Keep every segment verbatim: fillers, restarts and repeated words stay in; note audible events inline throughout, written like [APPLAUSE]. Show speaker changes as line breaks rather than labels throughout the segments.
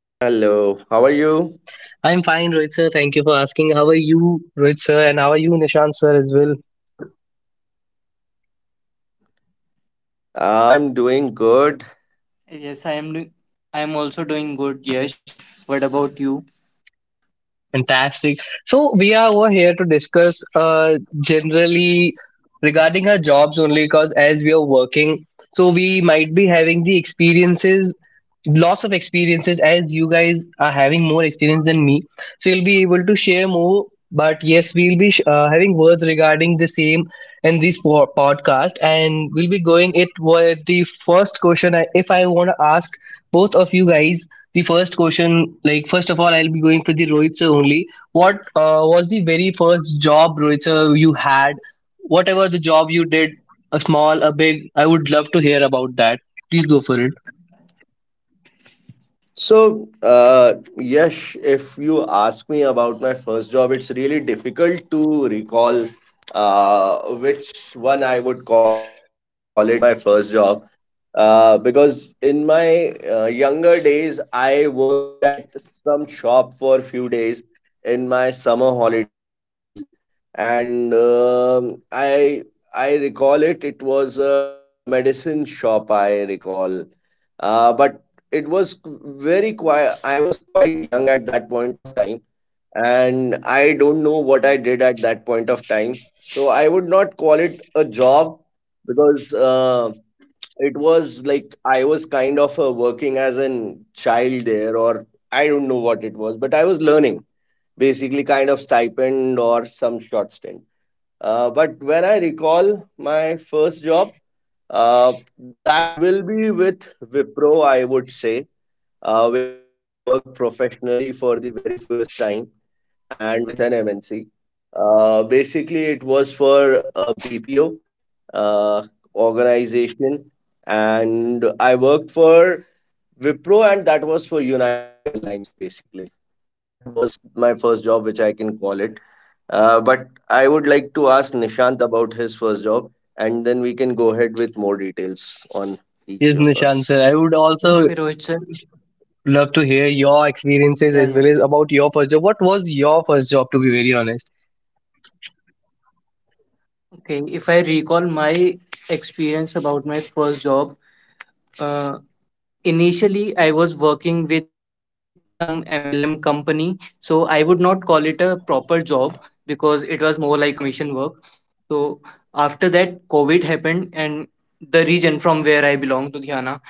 Hello. Hello, how are you?
I'm fine, Rohit sir. Thank you for asking. How are you, Rohit sir? And how are you, Nishant sir, as well?
I am doing good. Yes, I am. do- I am also doing good. Yes. What about you?
Fantastic. So we are over here to discuss uh, generally regarding our jobs only, because as we are working, so we might be having the experiences, lots of experiences, as you guys are having more experience than me. So you'll be able to share more. But yes, we'll be sh- uh, having words regarding the same in this po- podcast, and we'll be going it with the first question. I, if I want to ask both of you guys the first question, like first of all, I'll be going for the Rohit sir only. What uh, was the very first job, Rohit sir, you had? Whatever the job you did, a small, a big, I would love to hear about that. Please go for it.
So, uh, Yash, if you ask me about my first job, it's really difficult to recall uh, which one I would call it my first job. Uh, because in my uh, younger days, I worked at some shop for a few days in my summer holidays, and um, I I recall it. It was a medicine shop. I recall, uh, but it was very quiet. I was quite young at that point of time, and I don't know what I did at that point of time, so I would not call it a job, because uh, it was like I was kind of uh, working as a child there, or I don't know what it was, but I was learning, basically kind of stipend or some short stint. Uh, but when I recall my first job, uh, that will be with Wipro, I would say, uh, where I worked professionally for the very first time and with an M N C. Uh, basically, it was for a B P O uh, organization, and I worked for Wipro, and that was for United Airlines, basically. That was my first job, which I can call it. Uh, but I would like to ask Nishant about his first job, and then we can go ahead with more details on
Yes,
each
Nishan
of
sir. I would
us.
also
Okay, Rohit sir.
love to hear your experiences as well as
Yeah,
about
yeah.
your first job. What was your first job, to be very honest?
Okay, if I recall my experience about my first job, uh, initially I was working with some M L M company. So I would not call it a proper job because it was more like a commission work. So after that, COVID happened, and the region from where I belong, to Ludhiana,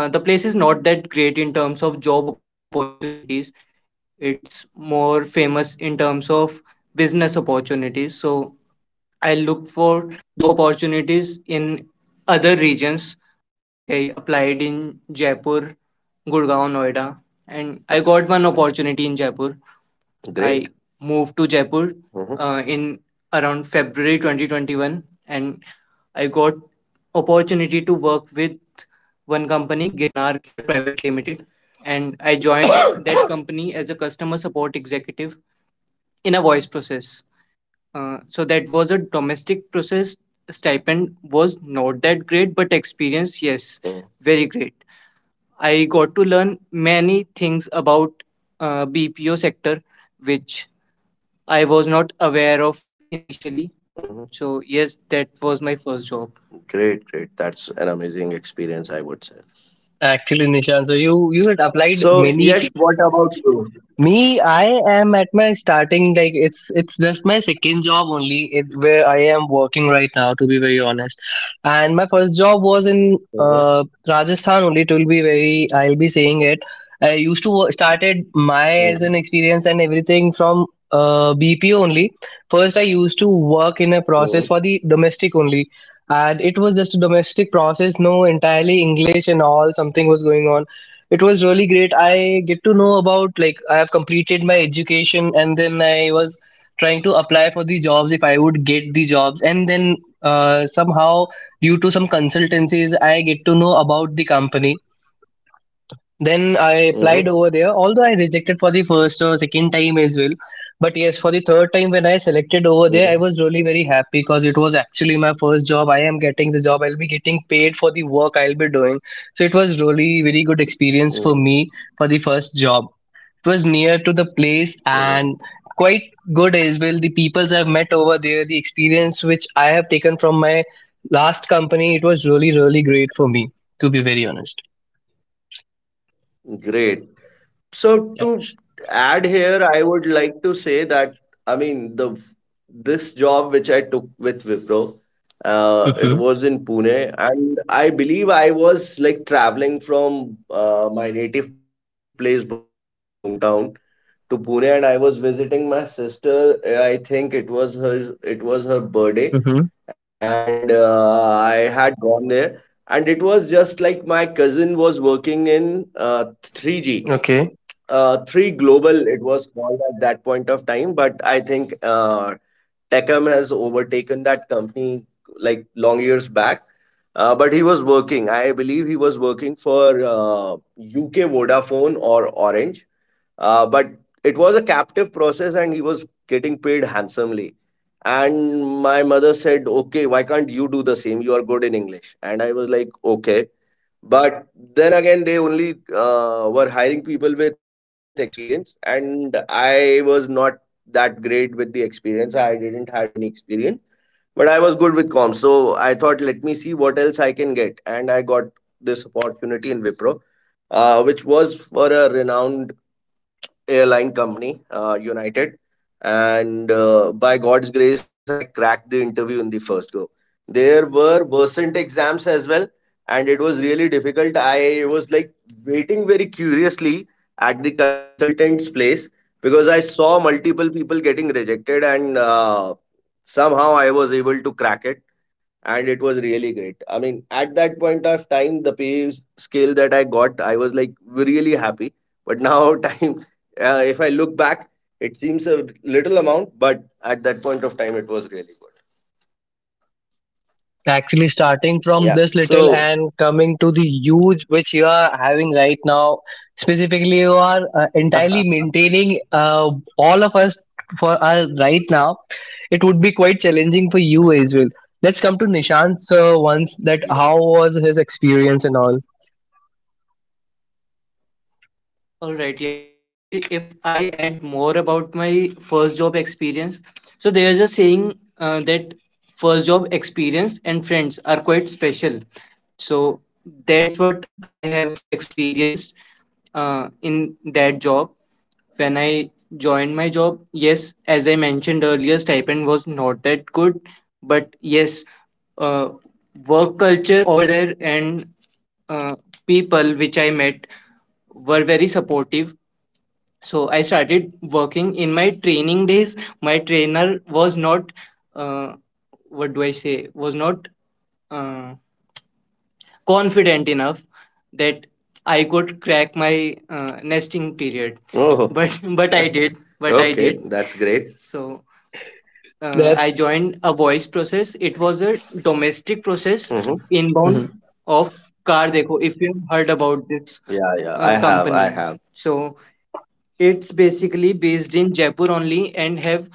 uh, the place is not that great in terms of job opportunities. It's more famous in terms of business opportunities. So I look for job opportunities in other regions. Like I applied in Jaipur, Gurgaon, Noida, and I got one opportunity in Jaipur. Great. I moved to Jaipur hmm uh, in around February twenty twenty-one, and I got opportunity to work with one company, Girnar Care Private Limited, and I joined [COUGHS] that company as a customer support executive in a voice process. Uh, so that was a domestic process. Stipend was not that great, but experience, yes, okay, very great. I got to learn many things about uh, B P O sector, which I was not aware of initially. hmm So yes, that was my first job. Great, great. That's an amazing experience, I would say.
Actually, Nishan, so you you had applied
So,
many.
Yash, what about you?
Me, I am at my starting, like it's it's just my second job only it, where I am working right now, to be very honest, and my first job was in uh,
Mm-hmm.
Rajasthan only. It will be very, I'll be saying it. I used to work, started my as an
Mm-hmm.
experience and everything from uh, B P O only. First, I used to work in a process for the domestic only. And it was just a domestic process, no entirely English and all. Something was going on, it was really great. I get to know about, like I have completed my education, and then I was trying to apply for the jobs if I would get the jobs, and then uh, somehow, due to some consultancies, I get to know about the company, then I applied
Mm-hmm.
over there, although I rejected for the first or second time as well. But yes, for the third time when I
Mm-hmm.
selected over there, I was really very happy because it was actually my first job. I am getting the job, I'll be getting paid for the work I'll be doing. So it was really very good experience for me for the first job. It was near to the place
Mm-hmm.
and quite good as well. The peoples I've met over there, the experience which I have taken from my last company, it was really, really great for me, to be very honest.
Great. So
Yeah.
to add here, I would like to say that I mean the this job which I took with Wipro, uh, it
Mm-hmm.
was in Pune, and I believe I was like traveling from uh, my native place Bhopal, hometown, to Pune, and I was visiting my sister. I think it was her it was her birthday, and uh, I had gone there, and it was just like my cousin was working in uh, three G,
Okay.
uh, three global it was called at that point of time, but I think uh, Techem has overtaken that company like long years back. Uh, but he was working, I believe he was working for uh, UK Vodafone or Orange. Uh, but it was a captive process and he was getting paid handsomely, and my mother said, okay, why can't you do the same? You are good in English. And I was like, okay, but then again, they only uh, were hiring people with experience, and I was not that great with the experience. I didn't had any experience, but I was good with comms. So I thought, let me see what else I can get, and I got this opportunity in Wipro, uh, which was for a renowned airline company, uh, United. And uh, by God's grace, I cracked the interview in the first go. There were percent exams as well, and it was really difficult. I was like waiting very curiously at the consultant's place because I saw multiple people getting rejected, and uh, somehow I was able to crack it, and it was really great. I mean, at that point of time, the pay s- scale that I got, I was like really happy. But now, [LAUGHS] time, uh, if I look back, it seems a little amount, but at that point of time, it was really good.
Actually, starting from this
Yeah.
little and
So,
coming to the huge which you are having right now, specifically, you are uh, entirely
[LAUGHS]
maintaining uh, all of us for uh, right now. It would be quite challenging for you as well. Let's come to Nishant sir once, that how
yeah.
was his experience and all.
All right, Yashi, if I add more about my first job experience, so there's a saying uh, that first job experience and friends are quite special. So that's what I have experienced uh, in that job. When I joined my job, yes, as I mentioned earlier, stipend was not that good, but yes, uh, work culture over there and uh, people which I met were very supportive. So I started working in my training days. My trainer was not, uh, what do I say, was not uh, confident enough that I could crack my uh, nesting period. [LAUGHS] Oh, [LAUGHS] But but I did. But I okay. did. That's great. So uh,
That
I joined a voice process. It was a domestic process. Mm-hmm. Inbound
Mhm.
of Car Dekho, if you have heard about this. Yeah, yeah. I uh, have, I company. Have. So it's basically based in Jaipur only and have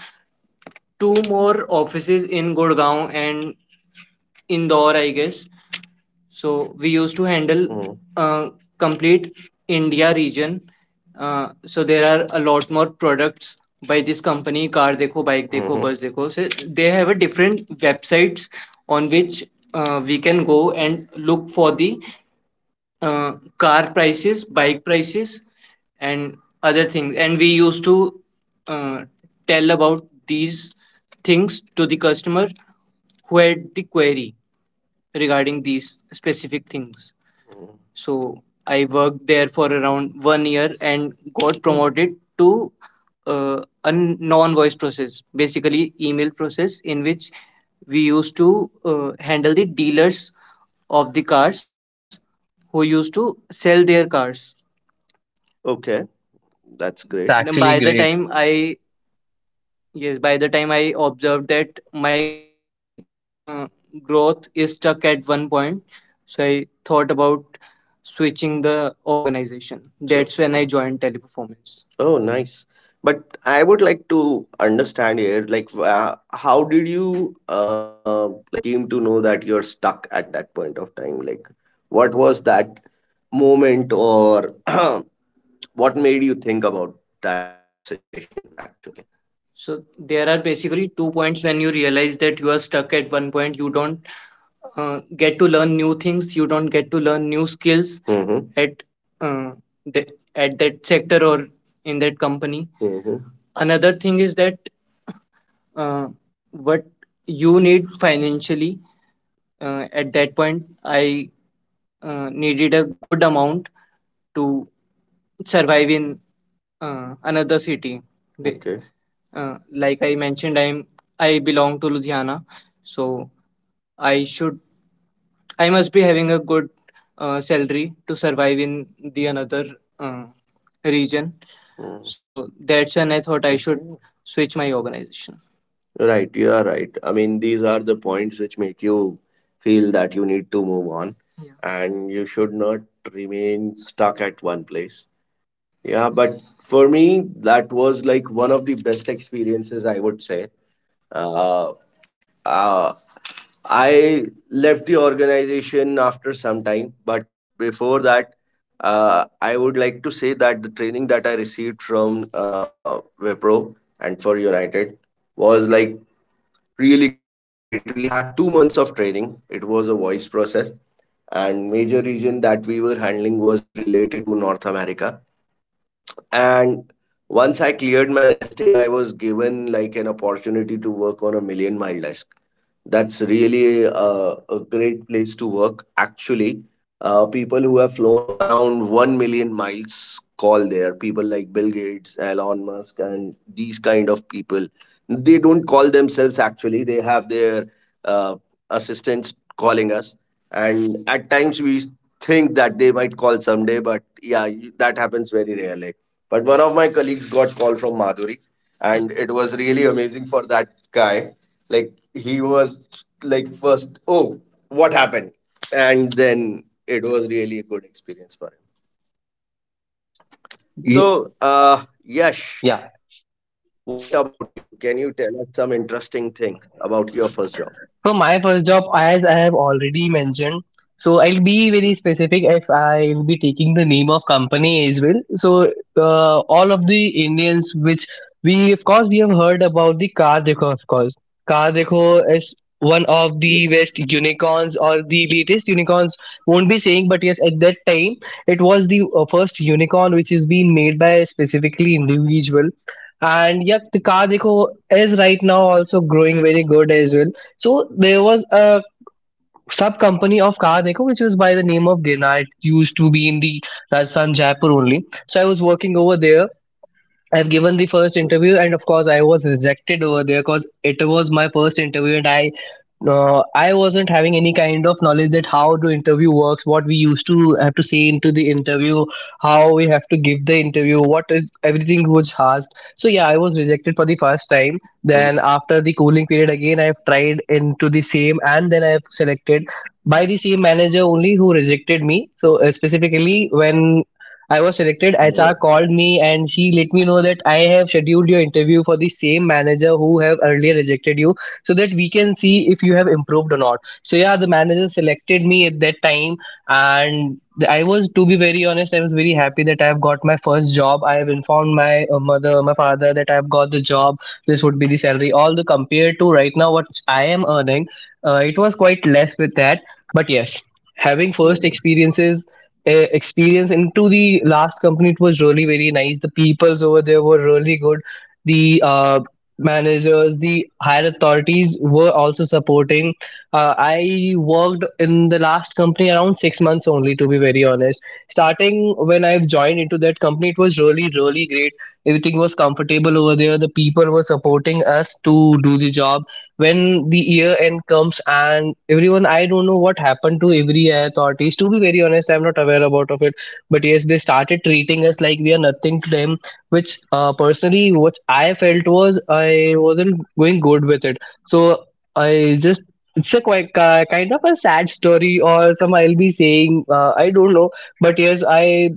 two more offices in Gurgaon and Indore, I guess. So we used to handle, mm, uh, complete India region. Uh, so there are a lot more products by this company. Car dekho, bike dekho, mm-hmm, bus dekho. So they have a different websites on which uh, we can go and look for the uh, car prices, bike prices, and other things. And we used to uh, tell about these things to the customer who had the query regarding these specific things. So I worked there for around one year and got promoted to uh, a non-voice process, basically email process, in which we used to uh, handle the dealers of the cars who used to sell their cars. Okay, that's
It's
great. Then
actually
by the
great.
time I Yes, by the time I observed that my uh, growth is stuck at one point, so I thought about switching the organization. Sure. That's when I joined Teleperformance. Oh, nice. But I would like to understand here, like, uh, how did you uh, like came to know that you're stuck at that point of time? Like, what was that moment, or [CLEARS THROAT] what made you think about that situation actually? So there are basically two points when you realize that you are stuck at one point. You don't uh, get to learn new things. You don't get to learn new skills. Mm-hmm. At uh, the, at that sector or in that company. Mm-hmm. Another thing is that uh, what you need financially uh, at that point. I uh, needed a good amount to survive in uh, another city. They, Uh, like I mentioned, I'm I belong to Ludhiana, so I should I must be having a good uh, salary to survive in the another uh, region. Mm. So that's when I thought I should switch my organization. Right, you are right. I mean, these are the points which make you feel that you need to move on. Yeah. And you should not remain stuck at one place. Yeah, but for me, that was like one of the best experiences, I would say. Uh, uh, I left the organization after some time, but before that, uh, I would like to say that the training that I received from uh, Wipro and for United was like really great. We had two months of training, it was a voice process, and major region that we were handling was related to North America, and once I cleared my nesting, I was given like an opportunity to work on a million mile desk. That's really a, a great place to work. Actually, uh, people who have flown around one million miles call there. People like Bill Gates, Elon Musk, and these kind of people. They don't call themselves actually, they have their uh, assistants calling us. And at times we think that they might call someday, but yeah, that happens very rarely. But one of my colleagues got call from Madhuri, and it was really amazing for that guy. Like he was like first, oh, what happened? And then it was really a good experience for him.
Ye-
So, uh, Yash,
Yeah.
what about you? Can you tell us some interesting thing about your first job?
For my first job, as I have already mentioned, so I'll be very specific if I will be taking the name of company as well. So uh, all of the Indians, which we, of course, we have heard about the Car Dekho, of course. Car Dekho is one of the best unicorns or the latest unicorns. Won't be saying, but yes, at that time it was the uh, first unicorn which is being made by a specifically individual. And yeah, the Car Dekho is right now also growing very good as well. So there was a sub company of Car which was by the name of Gina. It used to be in the Rajasthan Jaipur only. So I was working over there. I've given the first interview, and of course, I was rejected over there because it was my first interview, and I, uh, I wasn't having any kind of knowledge that how to interview works, what we used to have to say into the interview, how we have to give the interview, what is everything was asked. So yeah, I was rejected for the first time.
Mhm.
Then after the cooling period, again I've tried into the same, and then I've selected by the same manager only who rejected me, so uh, specifically when
Mhm.
I was selected. H R called me and she let me know that I have scheduled your interview for the same manager who have earlier rejected you, so that we can see if you have improved or not. So yeah, the manager selected me at that time, and I was, to be very honest, I was very happy that I have got my first job. I have informed my uh, mother, my father that I have got the job. This would be the salary. All the compared to right now what I am earning, uh, it was quite less with that. But yes, having first experiences uh, experience into the last company, it was really very nice. The peoples over there were really good. The uh, managers, the higher authorities were also supporting. uh, I worked in the last company around 6 months only, to be very honest. Starting, when I've joined into that company, it was really really great. Everything was comfortable over there. The people were supporting us to do the job. When the year end comes, and everyone, I don't know what happened to every authorities, to be very honest, I'm not aware about of it. But yes, they started treating us like we are nothing to them, which, uh, personally, what I felt was I wasn't going good with it. So I just it's a quite ki- kind of a sad story or some, I'll be saying, uh, I don't know. But yes, i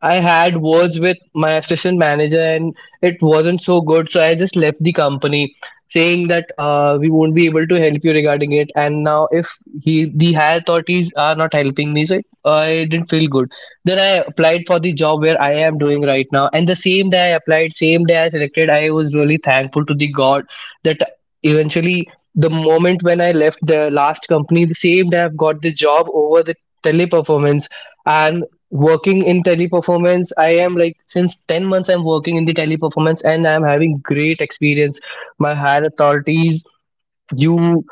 I had words with my assistant manager, and it wasn't so good. So I just left the company, saying that uh, we won't be able to help you regarding it. And now if he, the higher authorities are not helping me, so it, I didn't feel good. Then I applied for the job where I am doing right now. And the same day I applied, same day I selected, I was really thankful to the God that eventually, the moment when I left the last company, the same day I've got the job over the teleperformance. And working in teleperformance, I am, like, since 10 months I'm working in the teleperformance and I'm having great experience. My higher authorities, you,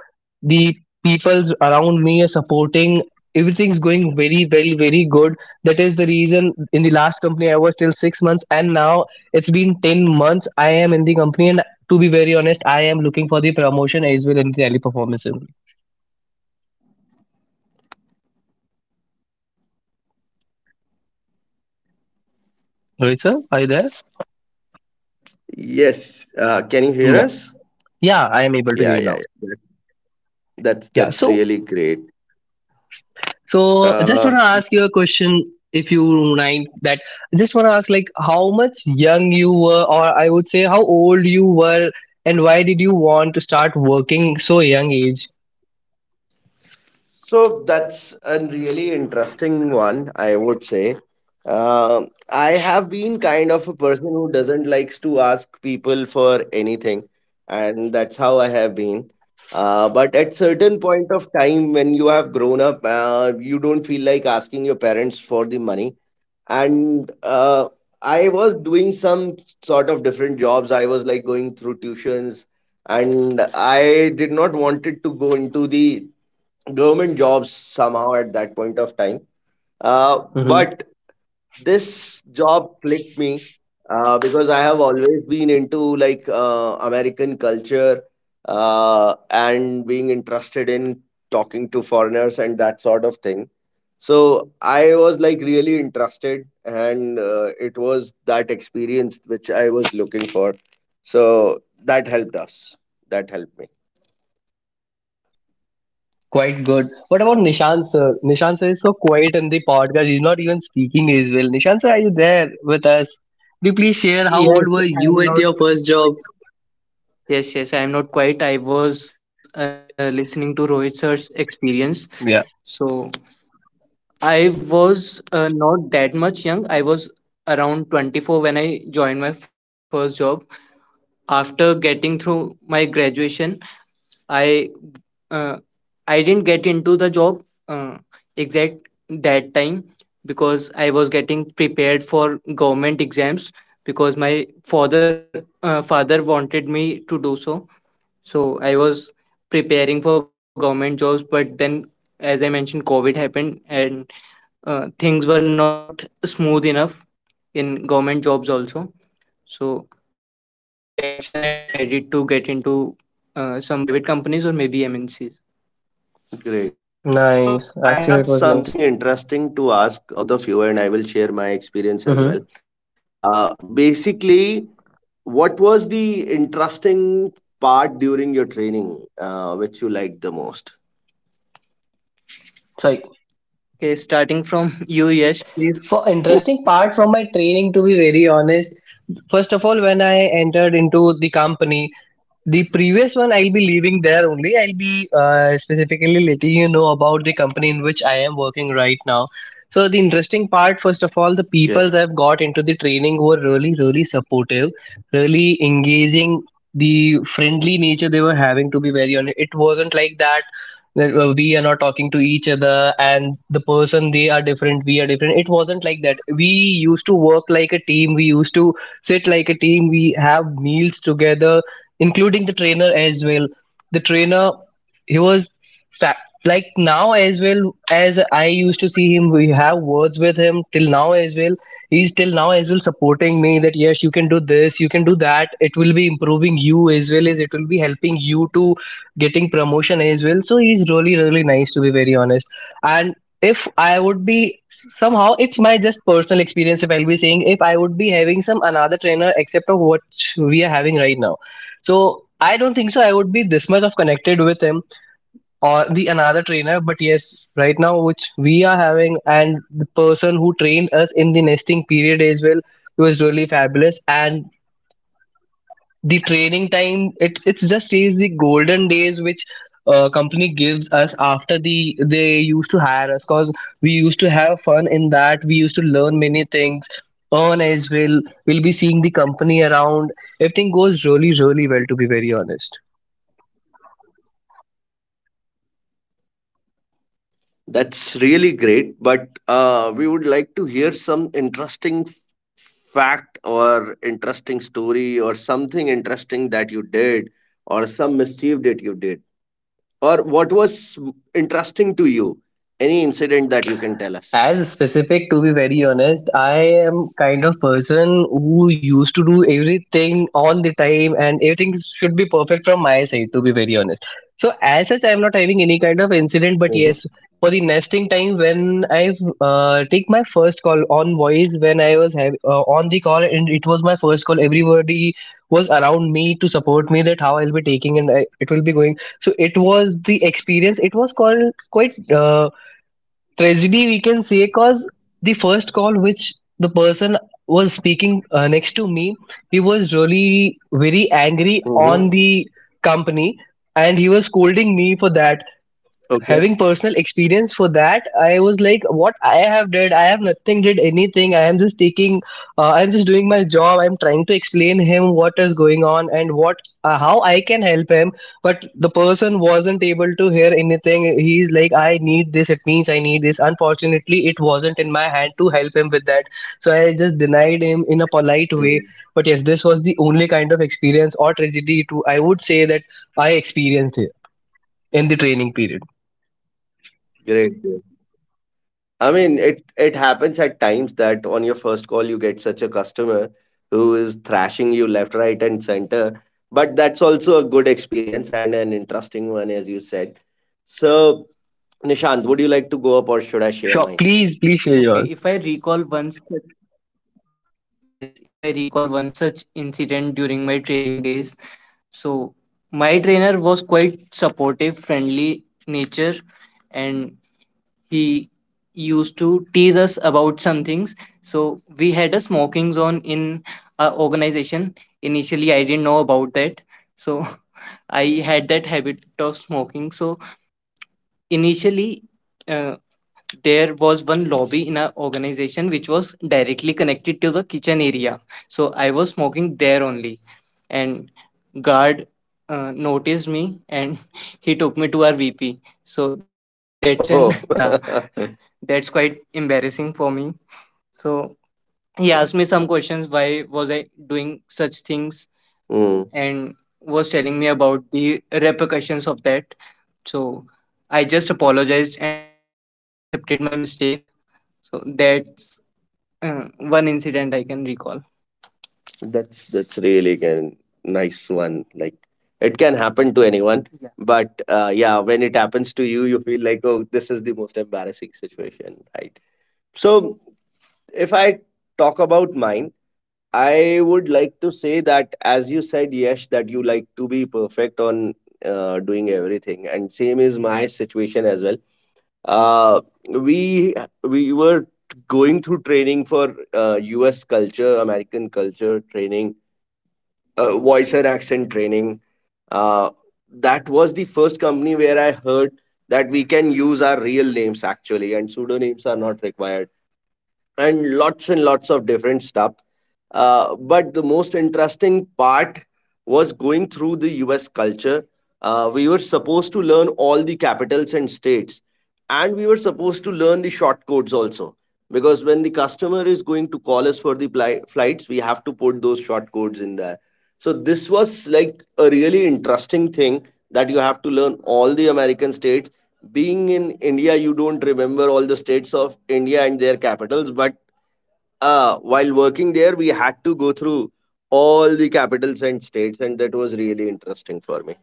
the people around me are supporting. Everything's going very very very good. That is the reason in the last company I was till 6 months, and now it's been 10 months I am in the company, and to be very honest, I am looking for the promotion as well in the teleperformance only. Right sir, are you there?
Yes. Uh, can you hear us?
Yeah, yeah, I am able to hear
Yeah,
you
yeah,
now.
yeah. That's
Yeah,
that's
so,
really great.
so I just want to
Uh,
ask you a question, if you mind that, I just want to ask, like, how much young you were, or I would say how old you were, and why did you want to start working so young age?
So that's a really interesting one, I would say. Um, I have been kind of a person who doesn't likes to ask people for anything, and that's how I have been. Uh, but at certain point of time, when you have grown up, uh, you don't feel like asking your parents for the money. And uh, I was doing some sort of different jobs. I was like going through tuitions, and I did not wanted to go into the government jobs somehow at that point of time. Uh,
Hmm.
but this job clicked me uh, because I have always been into like uh, American culture uh, and being interested in talking to foreigners and that sort of thing. So I was like really interested, and uh, it was that experience which I was looking for. So that helped us. That helped me.
Quite good. What about Nishant sir? Nishant sir is so quiet in the podcast. He's not even speaking as well. Nishant sir, are you there with us? Could you please share how old
Yes,
were you at
I'm
your
not
first job?
Yes, yes, I am not quite. I was uh, listening to Rohit sir's experience.
Yeah.
So I was uh, Not that much young. I was around twenty-four when I joined my first job. After getting through my graduation, I uh, I didn't get into the job uh, exact that time because I was getting prepared for government exams because my father uh, father wanted me to do so, so I was preparing for government jobs, but then, as I mentioned, COVID happened and uh, things were not smooth enough in government jobs also. So that's when I decided to get into uh, some private companies or maybe M N Cs. Great. So
Nice.
I have
Actually, it was
something
nice.
interesting to ask uh, both of you, and I will share my experience as
Mm-hmm.
well. Uh, basically, what was the interesting part during your training, uh, which you liked the most? Okay, starting from [LAUGHS] you, Yash.
For interesting
[LAUGHS]
part from my training, to be very honest, first of all, when I entered into the company, the previous one, I'll be leaving there only. I'll be uh, specifically letting you know about the company in which I am working right now. So, the interesting part, first of all, the peoples I've got
Yeah,
into the training were really, really supportive, really engaging. The friendly nature they were having, to be very honest, it wasn't like that. That uh, we are not talking to each other, and the person they are different, we are different. It wasn't like that. We used to work like a team. We used to sit like a team. We have meals together, including the trainer as well. The trainer, he was fa- like now as well, as I used to see him, we have words with him till now as well. He's till now as well supporting me that yes, you can do this, you can do that, it will be improving you, as well as it will be helping you to getting promotion as well. So he's really really nice, to be very honest. And if I would be, somehow it's my just personal experience, if I'll be saying, if I would be having some another trainer except of what we are having right now, so I don't think so, I would be this much of connected with him or the another trainer. But yes, right now which we are having, and the person who trained us in the nesting period as well, he was really fabulous. And the training time, it it's just is the golden days which uh, company gives us after the they used to hire us because we used to have fun in that. We used to learn many things. Earn as well. We'll be seeing the company around. Everything goes really, really well. To be very honest.
that's really great. But uh, we would like to hear some interesting f- fact or interesting story or something interesting that you did or some mischief that you did or what was interesting to you. Any incident that you can tell us.
As specific, to be very honest, I am kind of person who used to do everything on the time and everything should be perfect from my side, to be very honest. So, as such, I am not having any kind of incident, but
Mm-hmm.
yes, for the nesting time when I uh, take my first call on voice, when I was hav- uh, on the call and it was my first call, everybody was around me to support me that how I'll be taking and I, it will be going. So, it was the experience, it was called quite. Uh, tragedy we can say because the first call which the person was speaking uh, next to me, he was really very angry on
Mm-hmm.
the company and he was scolding me for that, having
Okay.
personal experience for that. I was like, what I have did, I have nothing did anything, I am just taking uh, I'm just doing my job, I'm trying to explain him what is going on and what uh, how I can help him. But the person wasn't able to hear anything. He's like, I need this, it means I need this. Unfortunately, it wasn't in my hand to help him with that, so I just denied him in a polite way. But
Mm.
yes, this was the only kind of experience or tragedy to, I would say, that I experienced here in the training period.
Great. I mean, it it happens at times that on your first call you get such a customer who is thrashing you left, right, and center. But that's also a good experience and an interesting one, as you said. So, Nishant, would you like to go up, or should I share
Sure,
mine?
please, please share
Okay,
yours.
if I recall one such, yes, if I recall one such incident during my training days, so my trainer was quite supportive, friendly nature, and he used to tease us about some things. So we had a smoking zone in our organization. Initially, I didn't know about that. So [LAUGHS] I had that habit of smoking. So initially, uh, there was one lobby in our organization which was directly connected to the kitchen area. So I was smoking there only. And guard uh, noticed me and [LAUGHS] he took me to our V P. So that's an Oh, [LAUGHS] yeah, [LAUGHS] that's quite embarrassing for me. So he asked me some questions why was I doing such things, mm, and was telling me about the repercussions of that. So I just apologized and accepted my mistake. So that's uh, one incident I can recall. That's that's really a nice one. Like it can happen to anyone. Yeah. But uh, yeah, when it happens to you, you feel like oh, this is the most embarrassing situation, right? So if I talk about mine, I would like to say that as you said, Yash, that you like to be perfect on uh, doing everything, and same is my situation as well. Uh, we we were going through training for uh, U S culture, American culture training, uh, voice and accent training. Uh, that was the first company where I heard that we can use our real names actually, and pseudonyms are not required, and lots and lots of different stuff. Uh, but the most interesting part was going through the U S culture. Uh, we were supposed to learn all the capitals and states, and we were supposed to learn the short codes also. Because when the customer is going to call us for the pli- flights, we have to put those short codes in there. So, this was like a really interesting thing that you have to learn all the American states. Being in India, you don't remember all the states of India and their capitals, but uh, while working there, we had to go through all the capitals and states, and that was really interesting for me.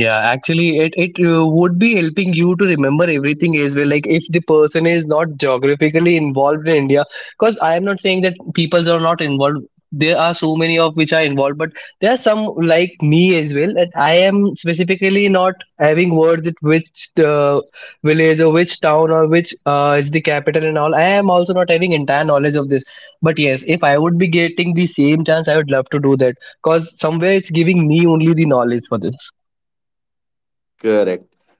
Yeah, actually, it it uh, would be helping you to remember everything as well. Like if the person is not geographically involved in India, because I am not saying that people are not involved. There are so many of which are involved, but there are some like me as well, and I am specifically not having words with which uh, village or which town or which uh, is the capital and all. I am also not having entire knowledge of this. But yes, if I would be getting the same chance, I would love to do that because somewhere it's giving me only the knowledge for this.
Correct.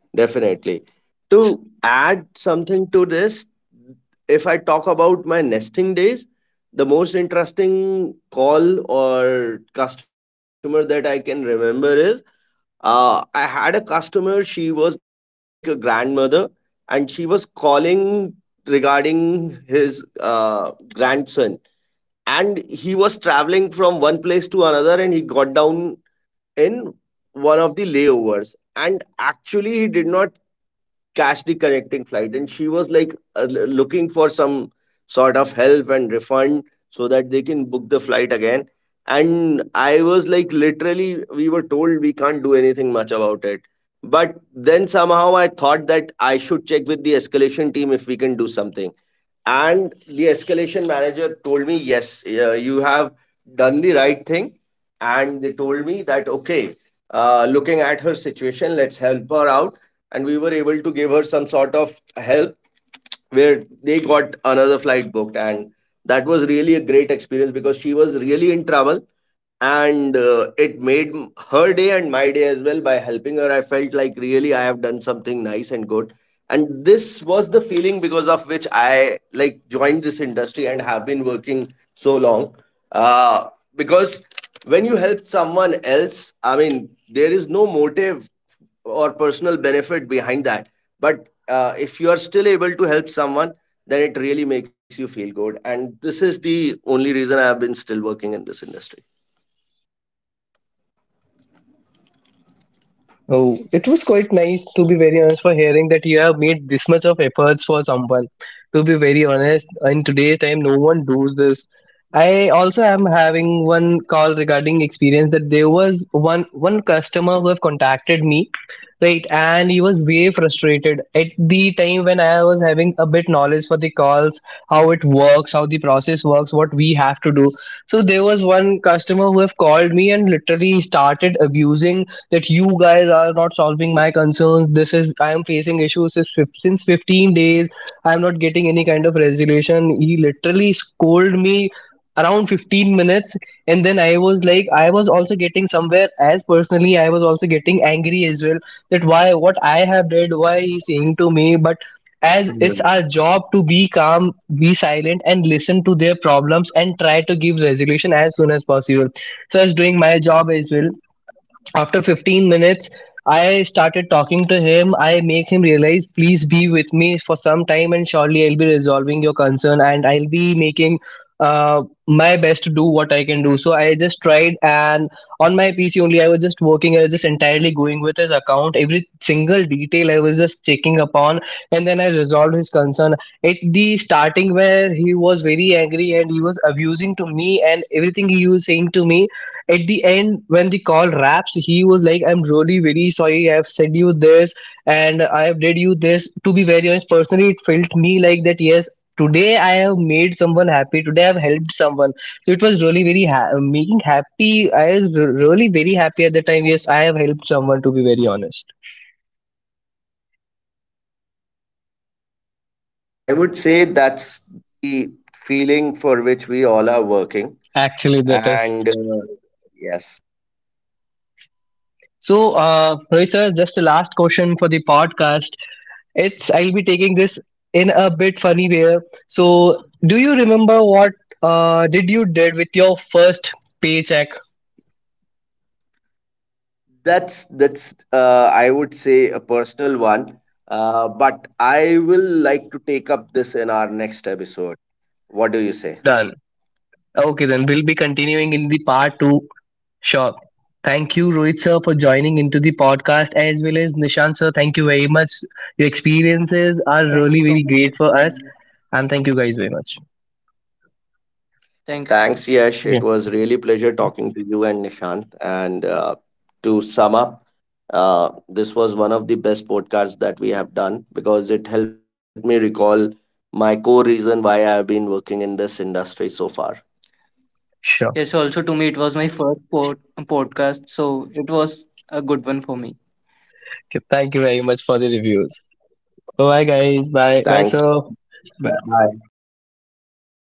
Definitely. To add something to this, if I talk about my nesting days, the most interesting call or customer that I can remember is, uh, I had a customer, she was like a grandmother, and she was calling regarding his uh, grandson, and he was traveling from one place to another and he got down in one of the layovers, and actually he did not catch the connecting flight, and she was like uh, l- looking for some sort of help and refund so that they can book the flight again. And I was like, literally, we were told we can't do anything much about it, but then somehow I thought that I should check with the escalation team if we can do something. And the escalation manager told me yes, uh, you have done the right thing, and they told me that okay, uh, looking at her situation, let's help her out. And we were able to give her some sort of help where they got another flight booked, and that was really a great experience because she was really in trouble. And uh, it made m- her day and my day as well. By helping her, I felt like really I have done something nice and good, and this was the feeling because of which I like joined this industry and have been working so long, uh, because when you help someone else, I mean, there is no motive or personal benefit behind that, but uh, if you are still able to help someone, then it really makes you feel good, and this is the only reason I have been still working in this industry.
Oh, it was quite nice, to be very honest, for hearing that you have made this much of efforts for someone. To be very honest, in today's time, no one does this. I also am having one call regarding experience that there was one one customer who have contacted me, right, and he was way frustrated at the time when I was having a bit knowledge for the calls, how it works, how the process works, what we have to do. So there was one customer who have called me and literally started abusing that you guys are not solving my concerns. This is I am facing issues since fif- since fifteen days. I am not getting any kind of resolution. He literally scolded me around fifteen minutes, and then I was like, I was also getting somewhere, as personally I was also getting angry as well, that why, what I have did, why he's saying to me. But as it's our job to be calm, be silent, and listen to their problems and try to give resolution as soon as possible. So, as doing my job as well, after fifteen minutes, I started talking to him. I make him realize, please be with me for some time, and surely I'll be resolving your concern, and I'll be making uh, my best to do what I can do. So I just tried, and on my P C only, I was just working. I was just entirely going with his account. Every single detail I was just checking upon, and then I resolved his concern. At the starting, where he was very angry and he was abusing to me, and everything he was saying to me, at the end when the call wraps, he was like, I'm really very sorry, I've said you this and I have did you this. To be very honest, personally, it felt me like that, yes, today I have made someone happy, today I've helped someone. So it was really very ha- making happy. I was r- really very happy at the time. Yes, I have helped someone, to be very honest.
I would say that's the feeling for which we all are working.
Actually, that is.
And uh, Yes,
So uh Rohit sir, just the last question for the podcast. It's, I'll be taking this in a bit funny way. So, do you remember what uh, did you did with your first paycheck?
that's that's uh, I would say a personal one. Uh, but I will like to take up this in our next episode. What do you
Done.
say?
Okay, then we'll be continuing in the part two. Sure. Thank you, Rohit sir, for joining into the podcast as well as Nishan sir. Thank you very much. Your experiences are
Thank you so
really
much
very
for
great
having
for
me.
us, and thank you guys very much.
Thank you. Thanks, Yash.
Okay.
It was really pleasure talking to you and Nishant. And uh, To sum up, uh, this was one of the best podcasts that we have done because it helped me recall my core reason why I have been working in this industry so far.
Sure.
Yes, also to me, it was my first pod- podcast, so it was a good one for me.
Okay. Thank you very much for the reviews. Bye, guys. Bye, bye, sir.
Thanks.
Bye.
Yeah, bye. Bye. Take bye. Care.